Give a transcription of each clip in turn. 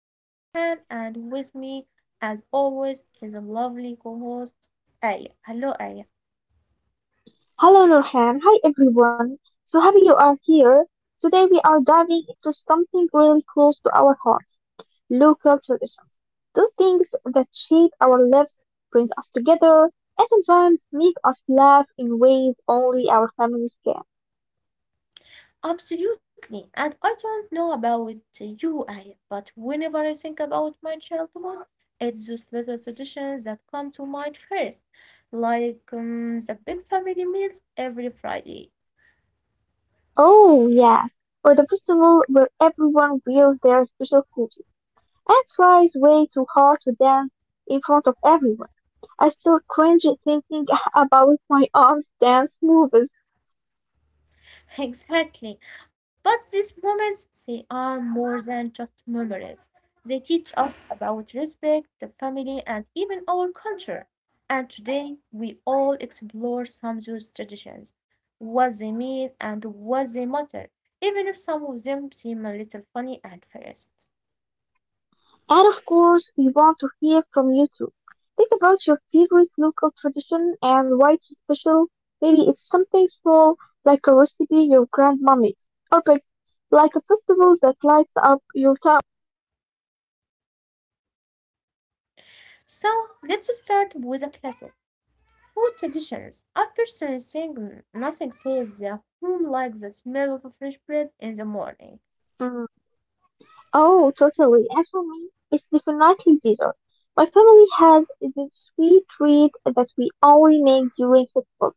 I am Nurhan and with me as always is a lovely co-host Aya. Hello Aya. Hello Nurhan, hi everyone. So happy you are here. Today we are diving into something really close to our hearts, local traditions. Those things that shape our lives, bring us together, and sometimes make us laugh in ways only our families can. Absolutely. And I don't know about you Aya, but whenever I think about my childhood, it's those little traditions that come to mind first. Like the big family meals every Friday. Oh yes, or the festival where everyone wears their special clothes and tries way too hard to dance in front of everyone. I still cringe thinking about my aunt's dance moves. Exactly. But these moments, they are more than just memories. They teach us about respect, the family, and even our culture. And today, we all explore some of those traditions, what they mean and what they matter, even if some of them seem a little funny at first. And of course, we want to hear from you too. Think about your favorite local tradition and why it's special. Maybe it's something small, like a recipe your grandma makes, or big, like a festival that lights up your town. So, let's start with a classic food traditions. I personally think nothing says the home like the smell of fresh bread in the morning. Mm. Oh, totally. As for me, it's definitely dessert. My family has this sweet treat that we only make during football.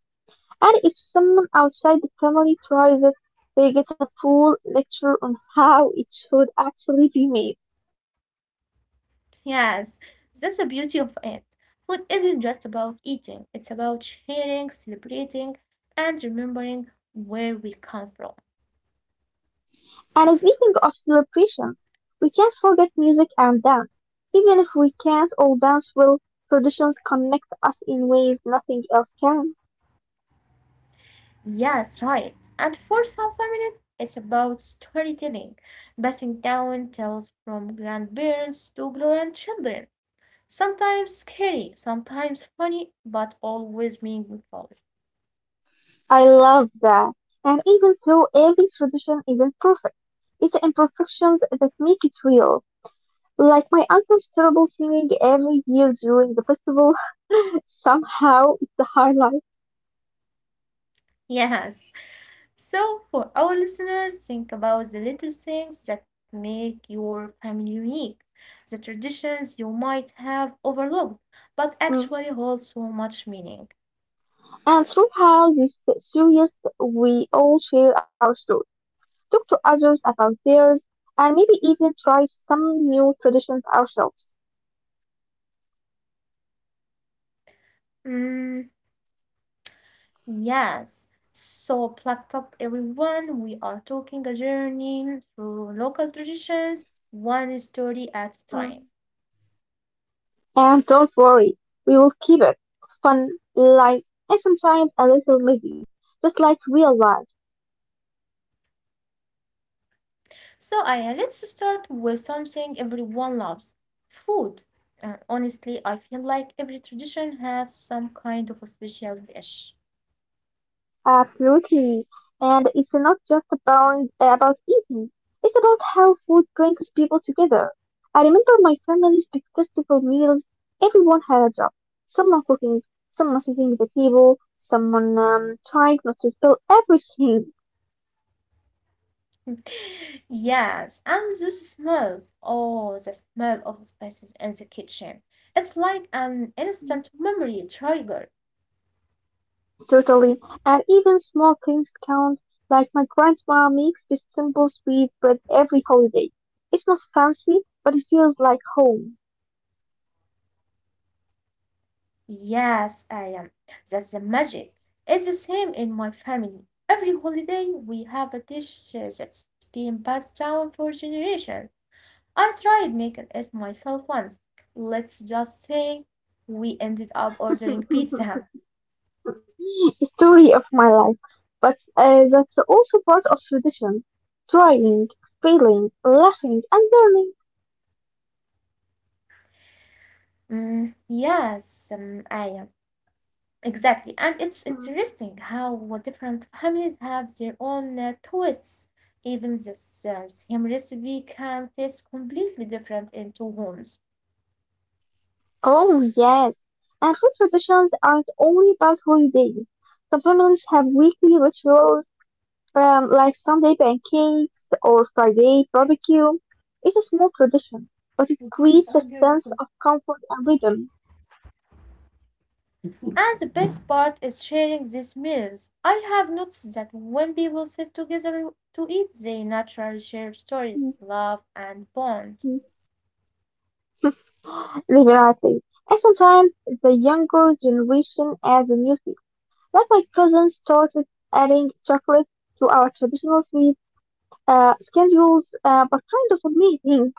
And if someone outside the family tries it, they get a full lecture on how it should actually be made. Yes, that's the beauty of it. Food isn't just about eating, it's about sharing, celebrating, and remembering where we come from. And speaking of celebrations, we can't forget music and dance. Even if we can't all dance well, traditions connect us in ways nothing else can. Yes, right. And for some families, it's about storytelling, passing down tales from grandparents to grandchildren. Sometimes scary, sometimes funny, but always meaningful. I love that. And even though every tradition isn't perfect, it's the imperfections that make it real. Like my uncle's terrible singing every year during the festival, somehow it's the highlight. Yes. So, for our listeners, think about the little things that make your family unique, the traditions you might have overlooked, but actually Mm. hold so much meaning. And throughout this series, we all share our stories talk to others about theirs, and maybe even try some new traditions ourselves. Mm, yes. So, plucked up everyone, we are talking a journey through local traditions, one story at a time. Mm. And don't worry, we will keep it fun, light, and sometimes a little messy, just like real life. So, Aya, let's start with something everyone loves food. Honestly, I feel like every tradition has some kind of a special dish. Absolutely. And it's not just about eating. It's about how food brings people together. I remember my family's big festival meals. Everyone had a job. Someone cooking, someone setting the table, someone trying not to spill everything. Yes, and those smells. Oh, the smell of spices in the kitchen. It's like an instant memory trigger. Totally. And even small things count, like my grandma makes this simple sweet bread every holiday. It's not fancy, but it feels like home. Yes, I am. That's the magic. It's the same in my family. Every holiday, we have a dish that's been passed down for generations. I tried making it myself once. Let's just say we ended up ordering pizza. The story of my life. But that's also part of tradition. Trying, failing, laughing, and learning. Mm, yes, I am. Exactly. And it's Mm. interesting how different families have their own twists. Even the same recipe can taste completely different in two homes. Oh, yes. And food traditions aren't only about holidays. Some families have weekly rituals like Sunday pancakes or Friday barbecue. It's a small tradition, but it creates a sense of comfort and rhythm, And the best part is sharing these meals. I have noticed that when people sit together to eat, they naturally share stories, love, and bond. Mhm, regularity. And sometimes the younger generation adds a new thing, like my cousin started adding chocolate to our traditional sweet schedules, but kind of amazing.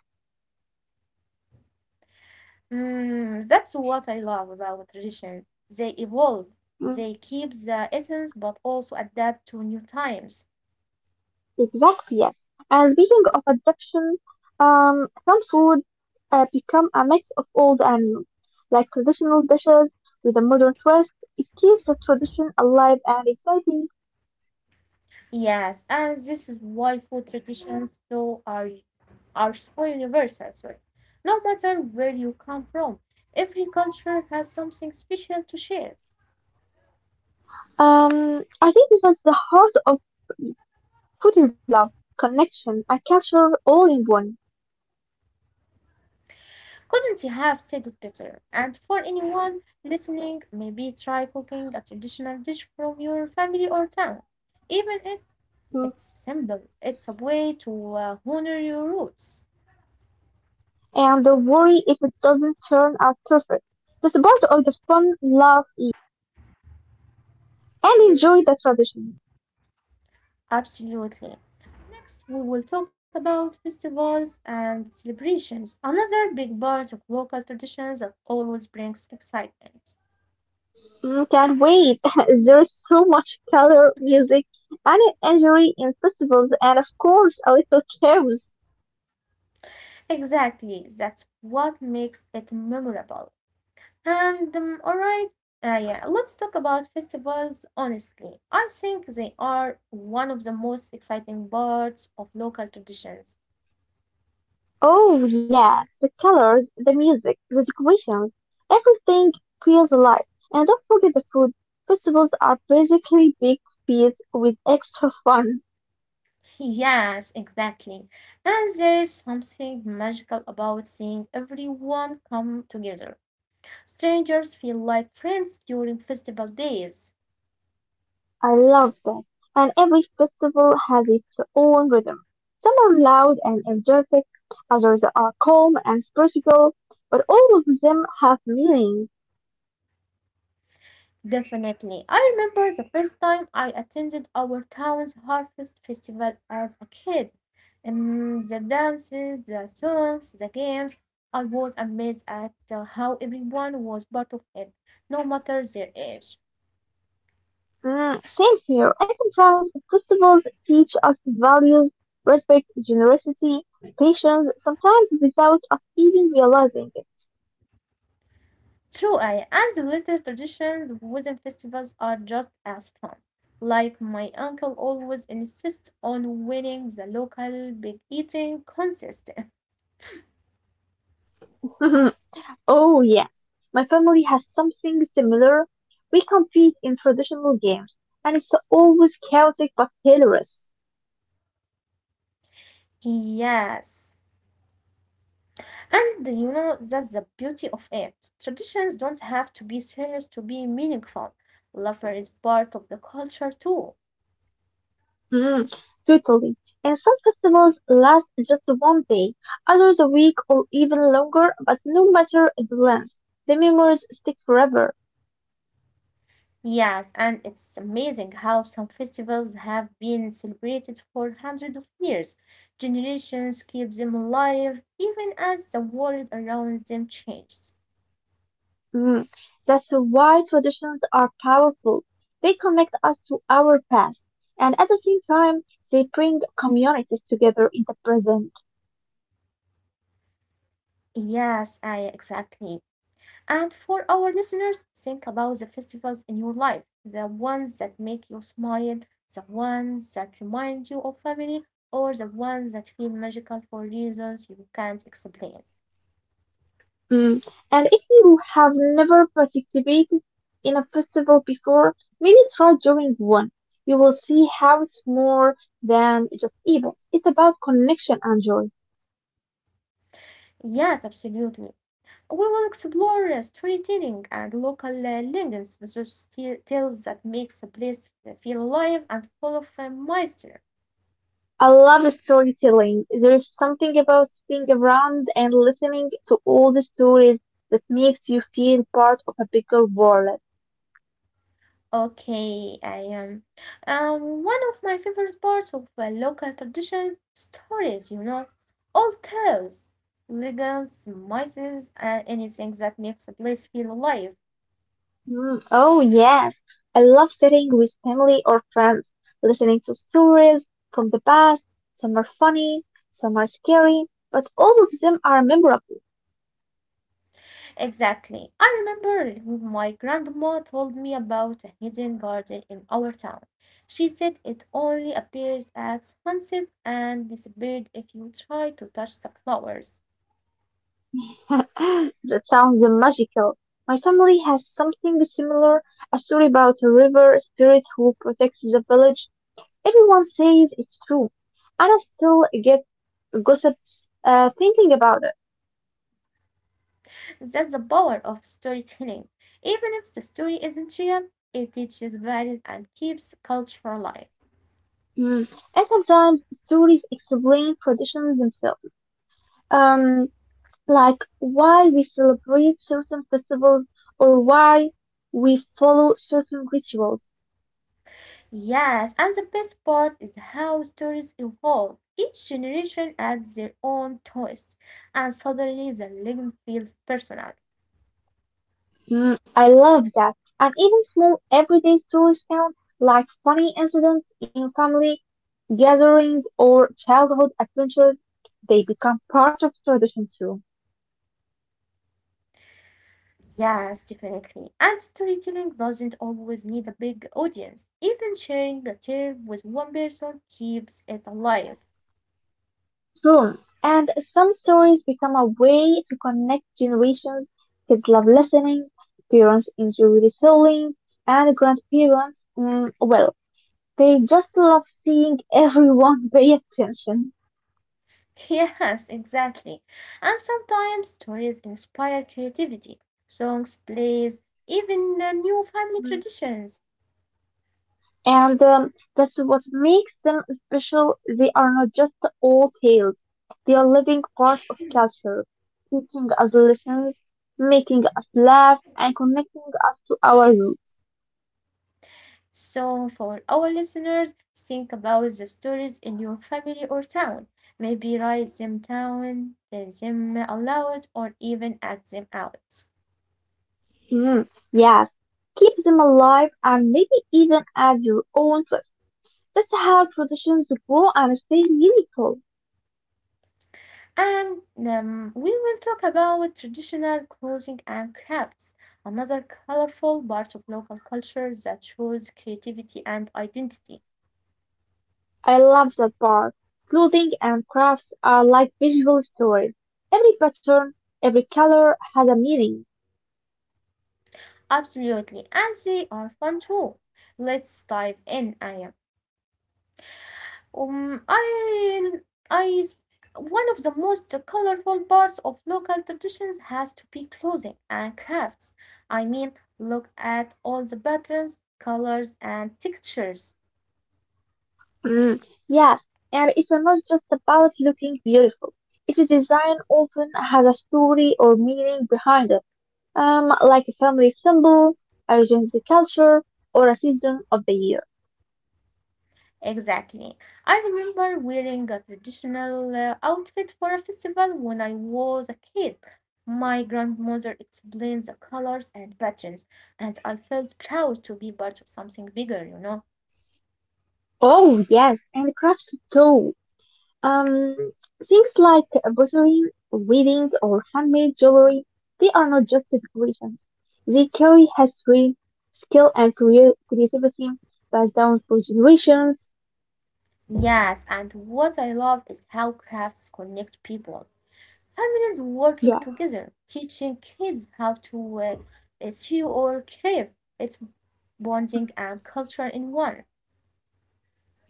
Mm, that's what I love about traditions. They evolve, they keep the essence but also adapt to new times. Exactly, yes. And speaking of adoption, some food become a mix of old and like traditional dishes with a modern twist. It keeps the tradition alive and exciting. Yes, and this is why food traditions are so universal, sorry. No matter where you come from, every culture has something special to share. I think this is the heart of food is love, connection, and culture all in one. Couldn't you have said it better? And for anyone listening, maybe try cooking a traditional dish from your family or town. Even Mm. it's simple. It's a way to honor your roots. And don't worry if it doesn't turn out perfect. That's part of the fun, love, and enjoy the tradition. Absolutely. Next, we will talk about festivals and celebrations, another big part of local traditions that always brings excitement. Mm, can't wait. There's so much color, music, and energy in festivals, and of course, a little chaos. Exactly, that's what makes it memorable. And all right, yeah, Let's talk about festivals honestly. I think they are one of the most exciting parts of local traditions. Oh, yeah, the colors, the music, the decorations, everything feels alive. And don't forget the food. Festivals are basically big feasts with extra fun. Yes, exactly. And there is something magical about seeing everyone come together. Strangers feel like friends during festival days. I love that. And every festival has its own rhythm. Some are loud and energetic, others are calm and spiritual, but all of them have meaning. Definitely. I remember the first time I attended our town's harvest festival as a kid. The dances, the songs, the games. I was amazed at how everyone was part of it, no matter their age. Mm, same here. And sometimes festivals teach us values, respect, generosity, patience, sometimes without us even realizing it. True, I and the little traditions within festivals are just as fun. Like my uncle always insists on winning the local big eating contest. Oh, yes. My family has something similar. We compete in traditional games, and it's always chaotic but hilarious. Yes. And you know, that's the beauty of it. Traditions don't have to be serious to be meaningful. Laughter is part of the culture too. Mm, totally. And some festivals last just one day, others a week or even longer, but no matter the length, the memories stick forever. Yes, and it's amazing how some festivals have been celebrated for hundreds of years. Generations keep them alive even as the world around them changes. Mm, that's why traditions are powerful. They connect us to our past, and at the same time, they bring communities together in the present. Yes, I exactly. And for our listeners, think about the festivals in your life, the ones that make you smile, the ones that remind you of family, or the ones that feel magical for reasons you can't explain. Mm. And if you have never participated in a festival before, maybe try doing one. You will see how it's more than just events. It's about connection and joy. Yes, absolutely. We will explore storytelling and local legends, those tales that makes the place feel alive and full of mystery. I love storytelling. There is something about sitting around and listening to all the stories that makes you feel part of a bigger world. Okay, I am. One of my favorite parts of local traditions, stories, you know, all tales, legends, myths, and anything that makes a place feel alive. Mm, oh, yes. I love sitting with family or friends, listening to stories from the past. Some are funny, some are scary, but all of them are memorable. Exactly. I remember my grandma told me about a hidden garden in our town. She said it only appears at sunset and disappeared if you try to touch the flowers. That sounds magical. My family has something similar, a story about a river spirit who protects the village. Everyone says it's true, and I still get gossips thinking about it. That's the power of storytelling. Even if the story isn't real, it teaches values and keeps culture alive. Mm. And sometimes stories explain traditions themselves, um, like why we celebrate certain festivals or why we follow certain rituals. Yes, and the best part is how stories evolve. Each generation adds their own twist, and suddenly the legend feels personal. Mm, I love that. And even small everyday stories count, like funny incidents in family gatherings or childhood adventures, they become part of tradition too. Yes, definitely. And storytelling doesn't always need a big audience. Even sharing a tale with one person keeps it alive. True. And some stories become a way to connect generations. Kids love listening, parents enjoy retelling, and grandparents, well, they just love seeing everyone pay attention. Yes, exactly. And sometimes stories inspire creativity, songs, plays, even new family Mm. traditions. And that's what makes them special. They are not just old tales, they are living parts of culture, teaching us lessons, making us laugh, and connecting us to our roots. So, for our listeners, think about the stories in your family or town. Maybe write them down, read them aloud, or even act them out. Mm, yes, keep them alive and maybe even add your own twist. That's how traditions grow and stay meaningful. And We will talk about traditional clothing and crafts, another colorful part of local culture that shows creativity and identity. I love that part. Clothing and crafts are like visual stories. Every pattern, every color has a meaning. Absolutely, and they are fun too. Let's dive in, Aya. Um, I, I, One of the most colorful parts of local traditions has to be clothing and crafts. I mean, look at all the patterns, colors, and textures. Mm, yes, and it's not just about looking beautiful. Its design often has a story or meaning behind it, like a family symbol, a region's culture, or a season of the year. Exactly. I remember wearing a traditional outfit for a festival when I was a kid. My grandmother explained the colors and patterns, and I felt proud to be part of something bigger, you know? Oh yes, and crafts too. Um, things like pottery, weaving, or handmade jewelry, they are not just decorations. They carry history, skill, and creativity passed down for generations. Yes, and what I love is how crafts connect people. Families working Yeah, together, teaching kids how to sew or carve. It's bonding and culture in one.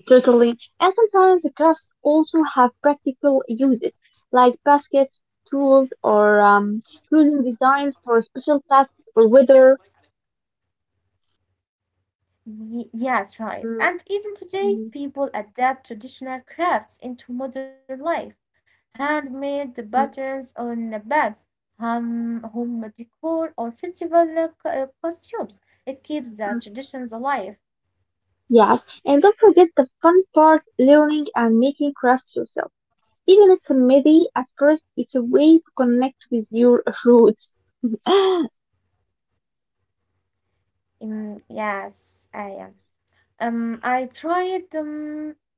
totally. And sometimes the crafts also have practical uses, like baskets, tools, or clothing designs for special tasks or weather. Yes, right. Mm, And even today, mm, people adapt traditional crafts into modern life. Handmade mm, mm. patterns on the bags, home decor, or festival costumes. It keeps the traditions alive. Yes, and don't forget the fun part, learning and making crafts yourself. Even if it's messy at first, it's a way to connect with your roots. Mm, yes, I am. Um, I tried. Um,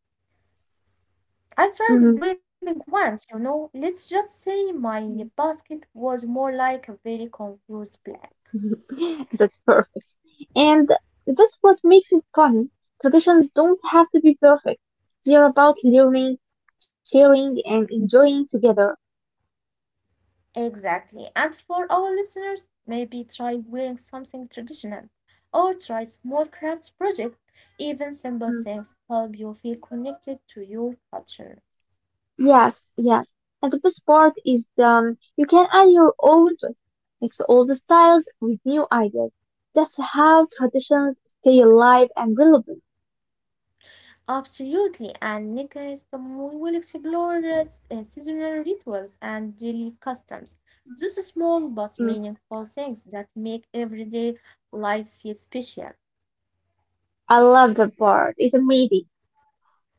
I Mhm. tried weaving once. You know, let's just say my basket was more like a very confused plant. That's perfect. And that's what makes it fun. Traditions don't have to be perfect. They're about learning, sharing, and enjoying together. Exactly. And for our listeners, maybe try wearing something traditional or try small crafts project. Even simple things help you feel connected to your culture. Yes, yes. And the best part is you can add your own twist, mix all the styles with new ideas. That's how traditions stay alive and relevant. Absolutely. And next, we will explore seasonal rituals and daily customs. Those small but Mm, meaningful things that make everyday life feel special. I love that part. It's amazing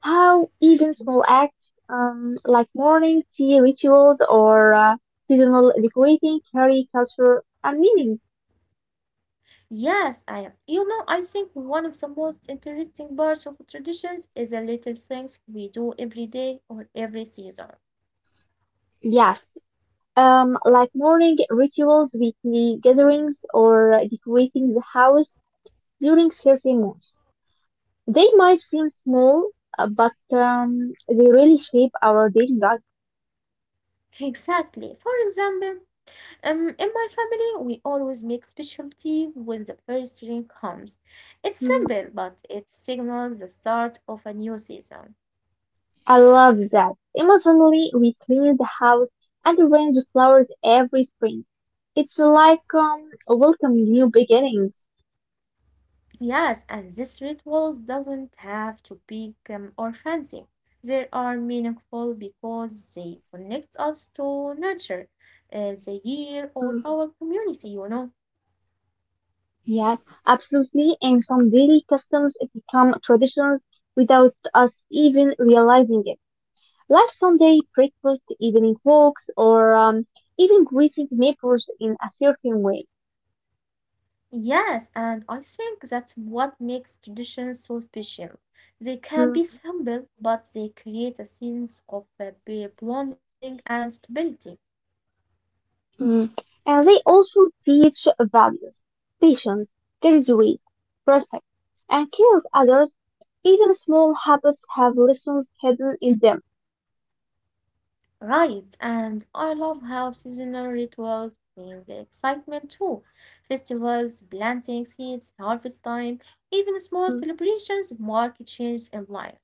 how even small acts like morning tea rituals or seasonal decorating carry culture and meaning. Yes, I am. You know, I think one of the most interesting parts of traditions is the little things we do every day or every season. Yes, like morning rituals, weekly gatherings, or decorating the house during certain months. They might seem small, but they really shape our daily life. Exactly. For example, in my family, we always make special tea when the first rain comes. It's Mm, simple, but it signals the start of a new season. I love that. In my family, we clean the house and arrange flowers every spring. It's like welcoming new beginnings. Yes, and these rituals doesn't have to be or fancy. They are meaningful because they connect us to nature, the year, or our Mm, community, you know. yes, absolutely. And some daily customs become traditions without us even realizing it. Like Sunday breakfast, evening walks, or even greeting neighbors in a certain way. Yes, and I think that's what makes traditions so special. They can Mm, be simple, but they create a sense of belonging and stability. mm. And they also teach values, patience, gratitude, respect, and care of others. Even small habits have lessons hidden in them. Right, and I love how seasonal rituals bring the excitement too. Festivals, planting seeds, harvest time, even small Mm. celebrations mark a change in life.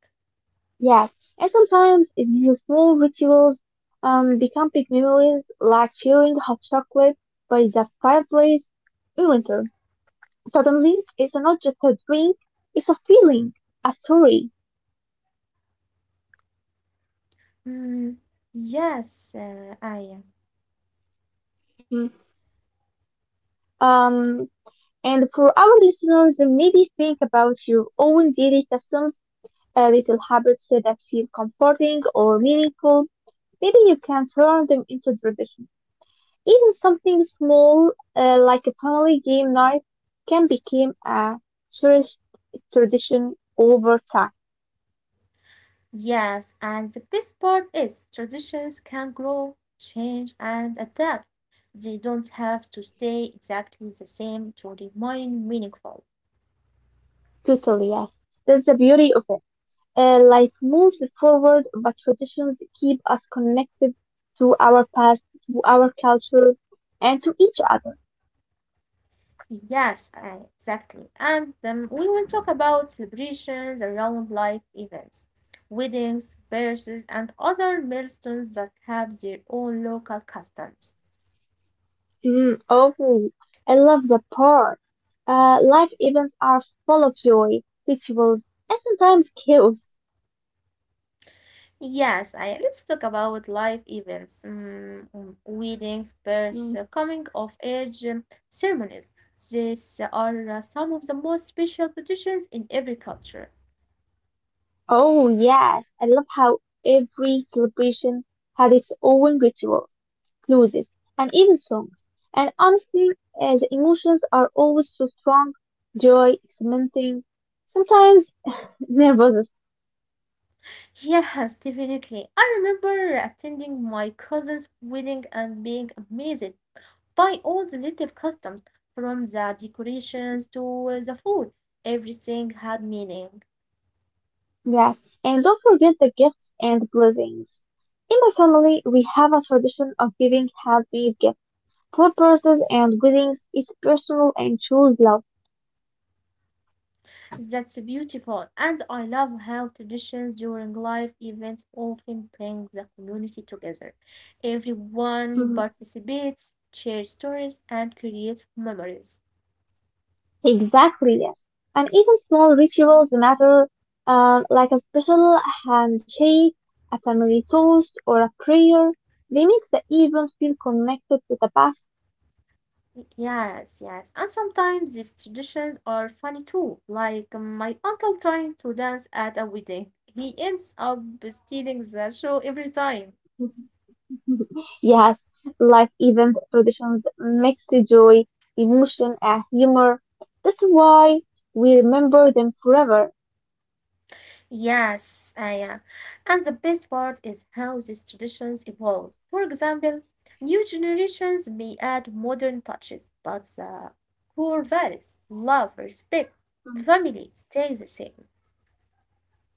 Yes, and sometimes these small rituals become big memories, like sharing hot chocolate by the fireplace in winter. Suddenly, it's not just a drink; it's a feeling, a story. Mm, yes, I am. Mm. Um, And for our listeners, maybe think about your own daily customs, little habits that feel comforting or meaningful. Maybe you can turn them into tradition. Even something small, like a family game night, can become a cherished tradition over time. Yes, and the best part is traditions can grow, change, and adapt. They don't have to stay exactly the same to remain meaningful. Totally, yes. That's the beauty of it. Life moves forward, but traditions keep us connected to our past, to our culture, and to each other. Yes, I, exactly. And We will talk about celebrations around life events, weddings, birthdays, and other milestones that have their own local customs. Mm, awful. I love that part. Life events are full of joy, rituals, and sometimes chaos. Yes, I, let's talk about life events, weddings, births, Mm, coming of age ceremonies. These are some of the most special traditions in every culture. oh, yes. I love how every celebration had its own rituals, closes, and even songs. And honestly, the emotions are always so strong. Joy, experimenting, sometimes nervousness. Yes, definitely. I remember attending my cousin's wedding and being amazed buy all the little customs, from the decorations to the food. Everything had meaning. Yes. And don't forget the gifts and blessings. In my family, we have a tradition of giving handmade gifts God purses and Goodings it's personal and shows love. That's beautiful. And I love how traditions during life events often bring the community together. Everyone Mhm. participates, shares stories, and creates memories. Exactly, yes. And even small rituals matter, like a special handshake, a family toast, or a prayer. They make the event feel connected to the past. Yes, yes. And sometimes these traditions are funny too, like my uncle trying to dance at a wedding. He ends up stealing the show every time. Yes, life event traditions mix joy, emotion, and humor. That's why we remember them forever. Yes, yeah. And the best part is how these traditions evolve. For example, new generations may add modern touches, but the core values, love, respect, family stay the same.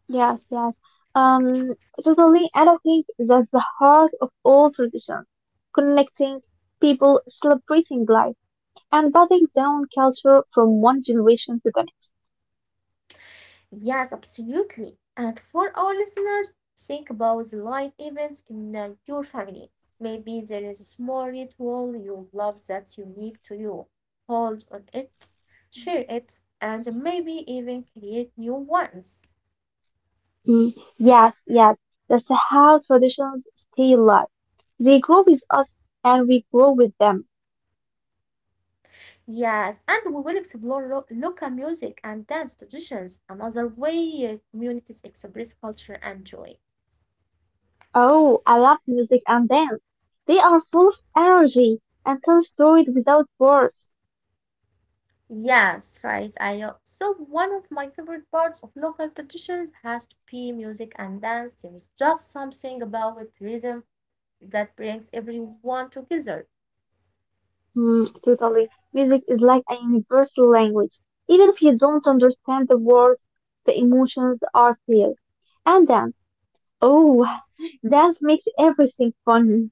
Yes, yes. Um, totally. And I think that's the heart of all tradition, connecting people, celebrating life, and passing down culture from one generation to the next. Yes, absolutely. And for our listeners, think about the life events in your family. Maybe there is a small ritual you love that's unique to you. Hold on it, share it, and maybe even create new ones. Mm, yes, yes. That's how traditions stay alive. They grow with us, and we grow with them. Yes, and we will explore local music and dance traditions, another way communities express culture and joy. Oh, I love music and dance. They are full of energy and tell stories without words. Yes, right. I So one of my favorite parts of local traditions has to be music and dance. There is just something about it, rhythm that brings everyone together. Mm, totally. Music is like a universal language. Even if you don't understand the words, the emotions are clear. And dance. Oh, dance makes everything fun.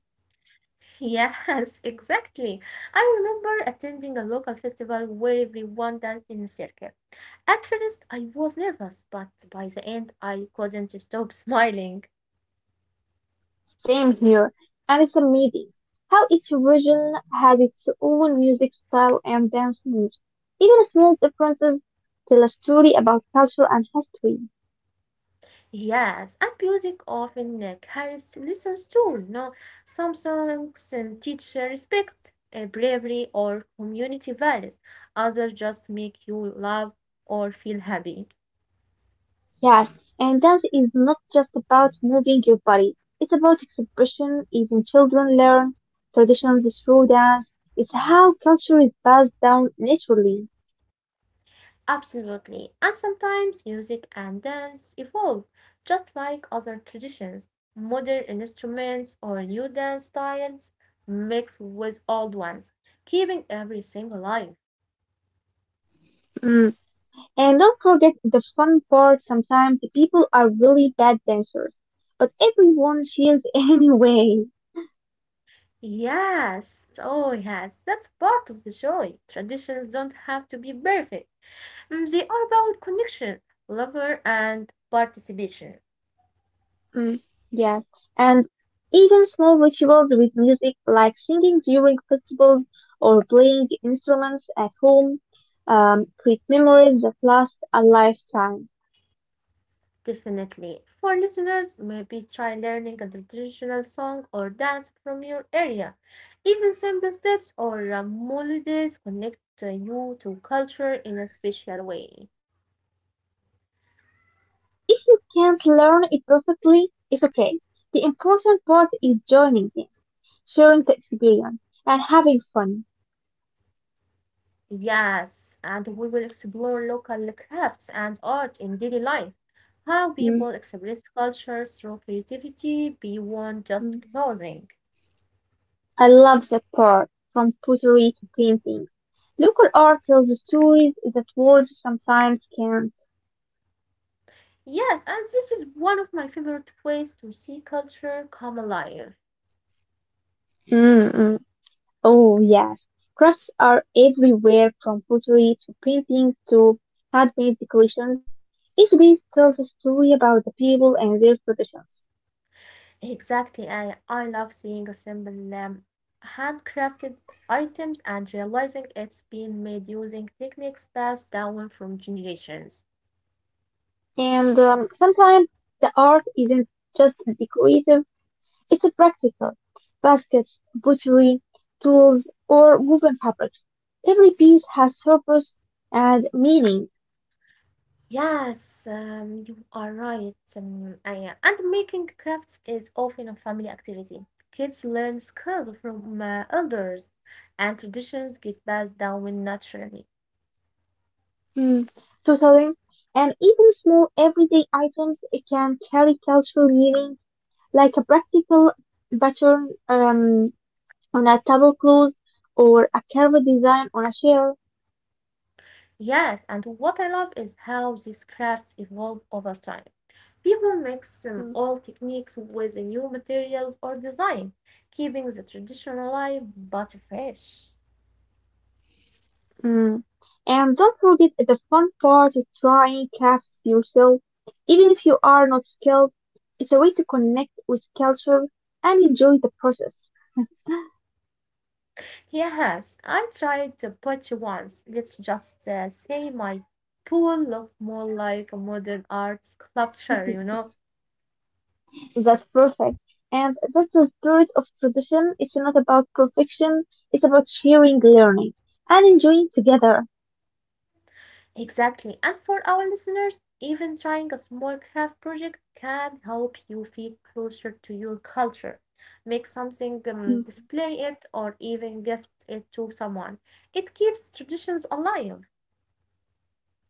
Yes, exactly. I remember attending a local festival where everyone danced in a circle. At first I was nervous, but by the end I couldn't stop smiling. Same here. And it's amazing how each region has its own music style and dance moves. Even small differences tell a story about culture and history. Yes, and music often carries lessons too. No, some songs teach respect, bravery, or community values. Others just make you laugh or feel happy. Yes, and dance is not just about moving your body. It's about expression. Even children learn traditions through dance. It's how culture is passed down naturally. Absolutely. And sometimes music and dance evolve, just like other traditions. Modern instruments or new dance styles mix with old ones, keeping everything alive. Mm. And don't forget the fun part. Sometimes people are really bad dancers, but everyone cheers anyway. Yes, oh yes, that's part of the joy. Traditions don't have to be perfect. Mm, they are about connection, love, and participation. Mm, yeah, and even small rituals with music, like singing during festivals or playing instruments at home, create memories that last a lifetime. Definitely. For listeners, maybe try learning a traditional song or dance from your area. Even simple steps or melodies connect you to culture in a special way. Yes, and if you can't learn it perfectly, it's okay. The important part is joining in, sharing the experience, and having fun. Yes, and we will explore local crafts and art in daily life. How people express culture through creativity beyond just Mhm. clothing. I love that part, from pottery to painting. Local art tells stories that words sometimes can't. Yes, and this is one of my favorite ways to see culture come alive. Mm-mm. Oh, yes. Crafts are everywhere from pottery to paintings to handmade decorations. Each piece tells a story about the people and their traditions. Exactly, I love seeing a simple handcrafted items and realizing it's been made using techniques passed down from generations. And sometimes the art isn't just decorative, it's a practical. Baskets, pottery, tools, or woven fabrics. Every piece has purpose and meaning. Yes, you are right. I And making crafts is often a family activity. Kids learn skills from elders, and traditions get passed down naturally. Mm, totally. And even small everyday items can carry cultural meaning like a practical pattern on a tablecloth or a curved design on a chair. Yes, and what I love is how these crafts evolve over time. People mix Mm. old techniques with new materials or design, keeping the tradition alive but fresh. Mm. And don't forget the fun part of trying crafts yourself, even if you are not skilled. It's a way to connect with culture and enjoy the process. Yes, I tried to pottery once. Let's just say my pool looked more like a modern arts sculpture, That's perfect. And that's the spirit of tradition. It's not about perfection. It's about sharing learning and enjoying together. Exactly. And for our listeners, even trying a small craft project can help you feel closer to your culture. Make something, display it, or even gift it to someone. It keeps traditions alive.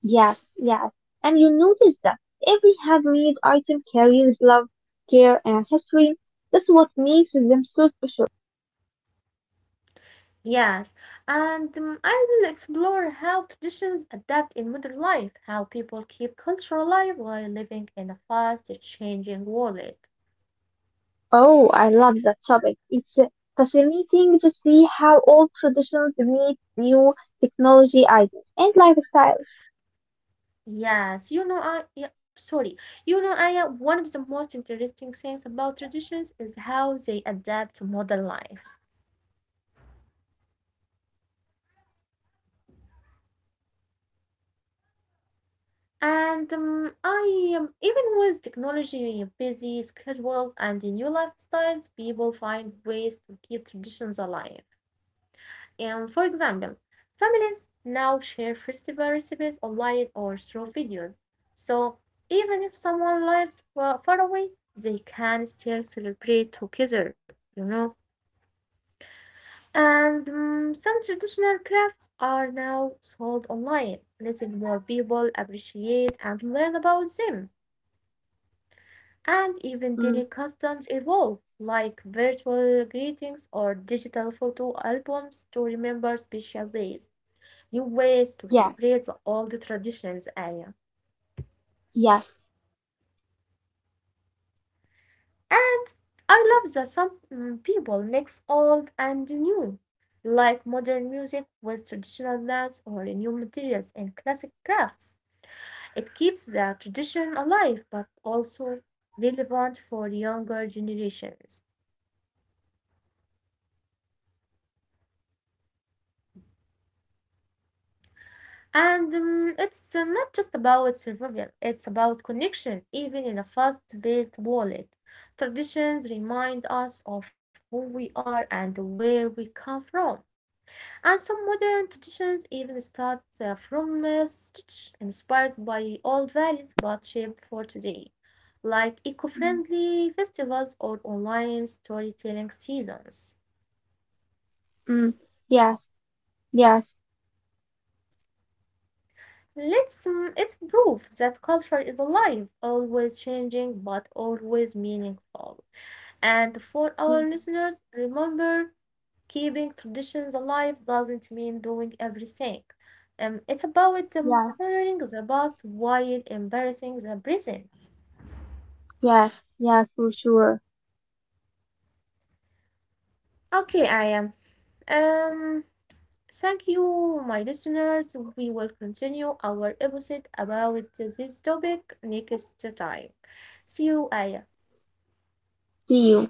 Yes, yes. And you notice that every handmade item carries love, care, and history. That's what makes them so special. Yes. And I will explore how traditions adapt in modern life, how people keep culture alive while living in a fast changing world. Oh, I love that topic. It's fascinating to see how old traditions meet new technology items and lifestyles. Yes, you know, I yeah, sorry. You know, I one of the most interesting things about traditions is how they adapt to modern life. And I even with technology, busy schedules, and the new lifestyles, people find ways to keep traditions alive. And for example, families now share festival recipes online or through videos. So even if someone lives far away, they can still celebrate together. You know. And some traditional crafts are now sold online, letting more people appreciate and learn about them. And even Mm, daily customs evolve, like virtual greetings or digital photo albums to remember special days, new ways to yes, celebrate the old traditions, Aya. yes. And I love that some people mix old and new, like modern music with traditional dance or new materials and classic crafts. It keeps the tradition alive but also relevant for younger generations. And it's not just about survival, it's about connection, even in a fast paced world. Traditions remind us of who we are and where we come from. And some modern traditions even start from stitch, inspired by old values but shaped for today, like eco-friendly festivals or online storytelling seasons. Mm, yes, yes, It's proof that culture is alive, always changing but always meaningful. And for our mm, listeners, remember, keeping traditions alive doesn't mean doing everything. It's about yes, honoring the past while embracing the present. yes, yes, for sure. Okay, I am. Um, Thank you, my listeners. We will continue our episode about this topic next time. See you, Aya. See you.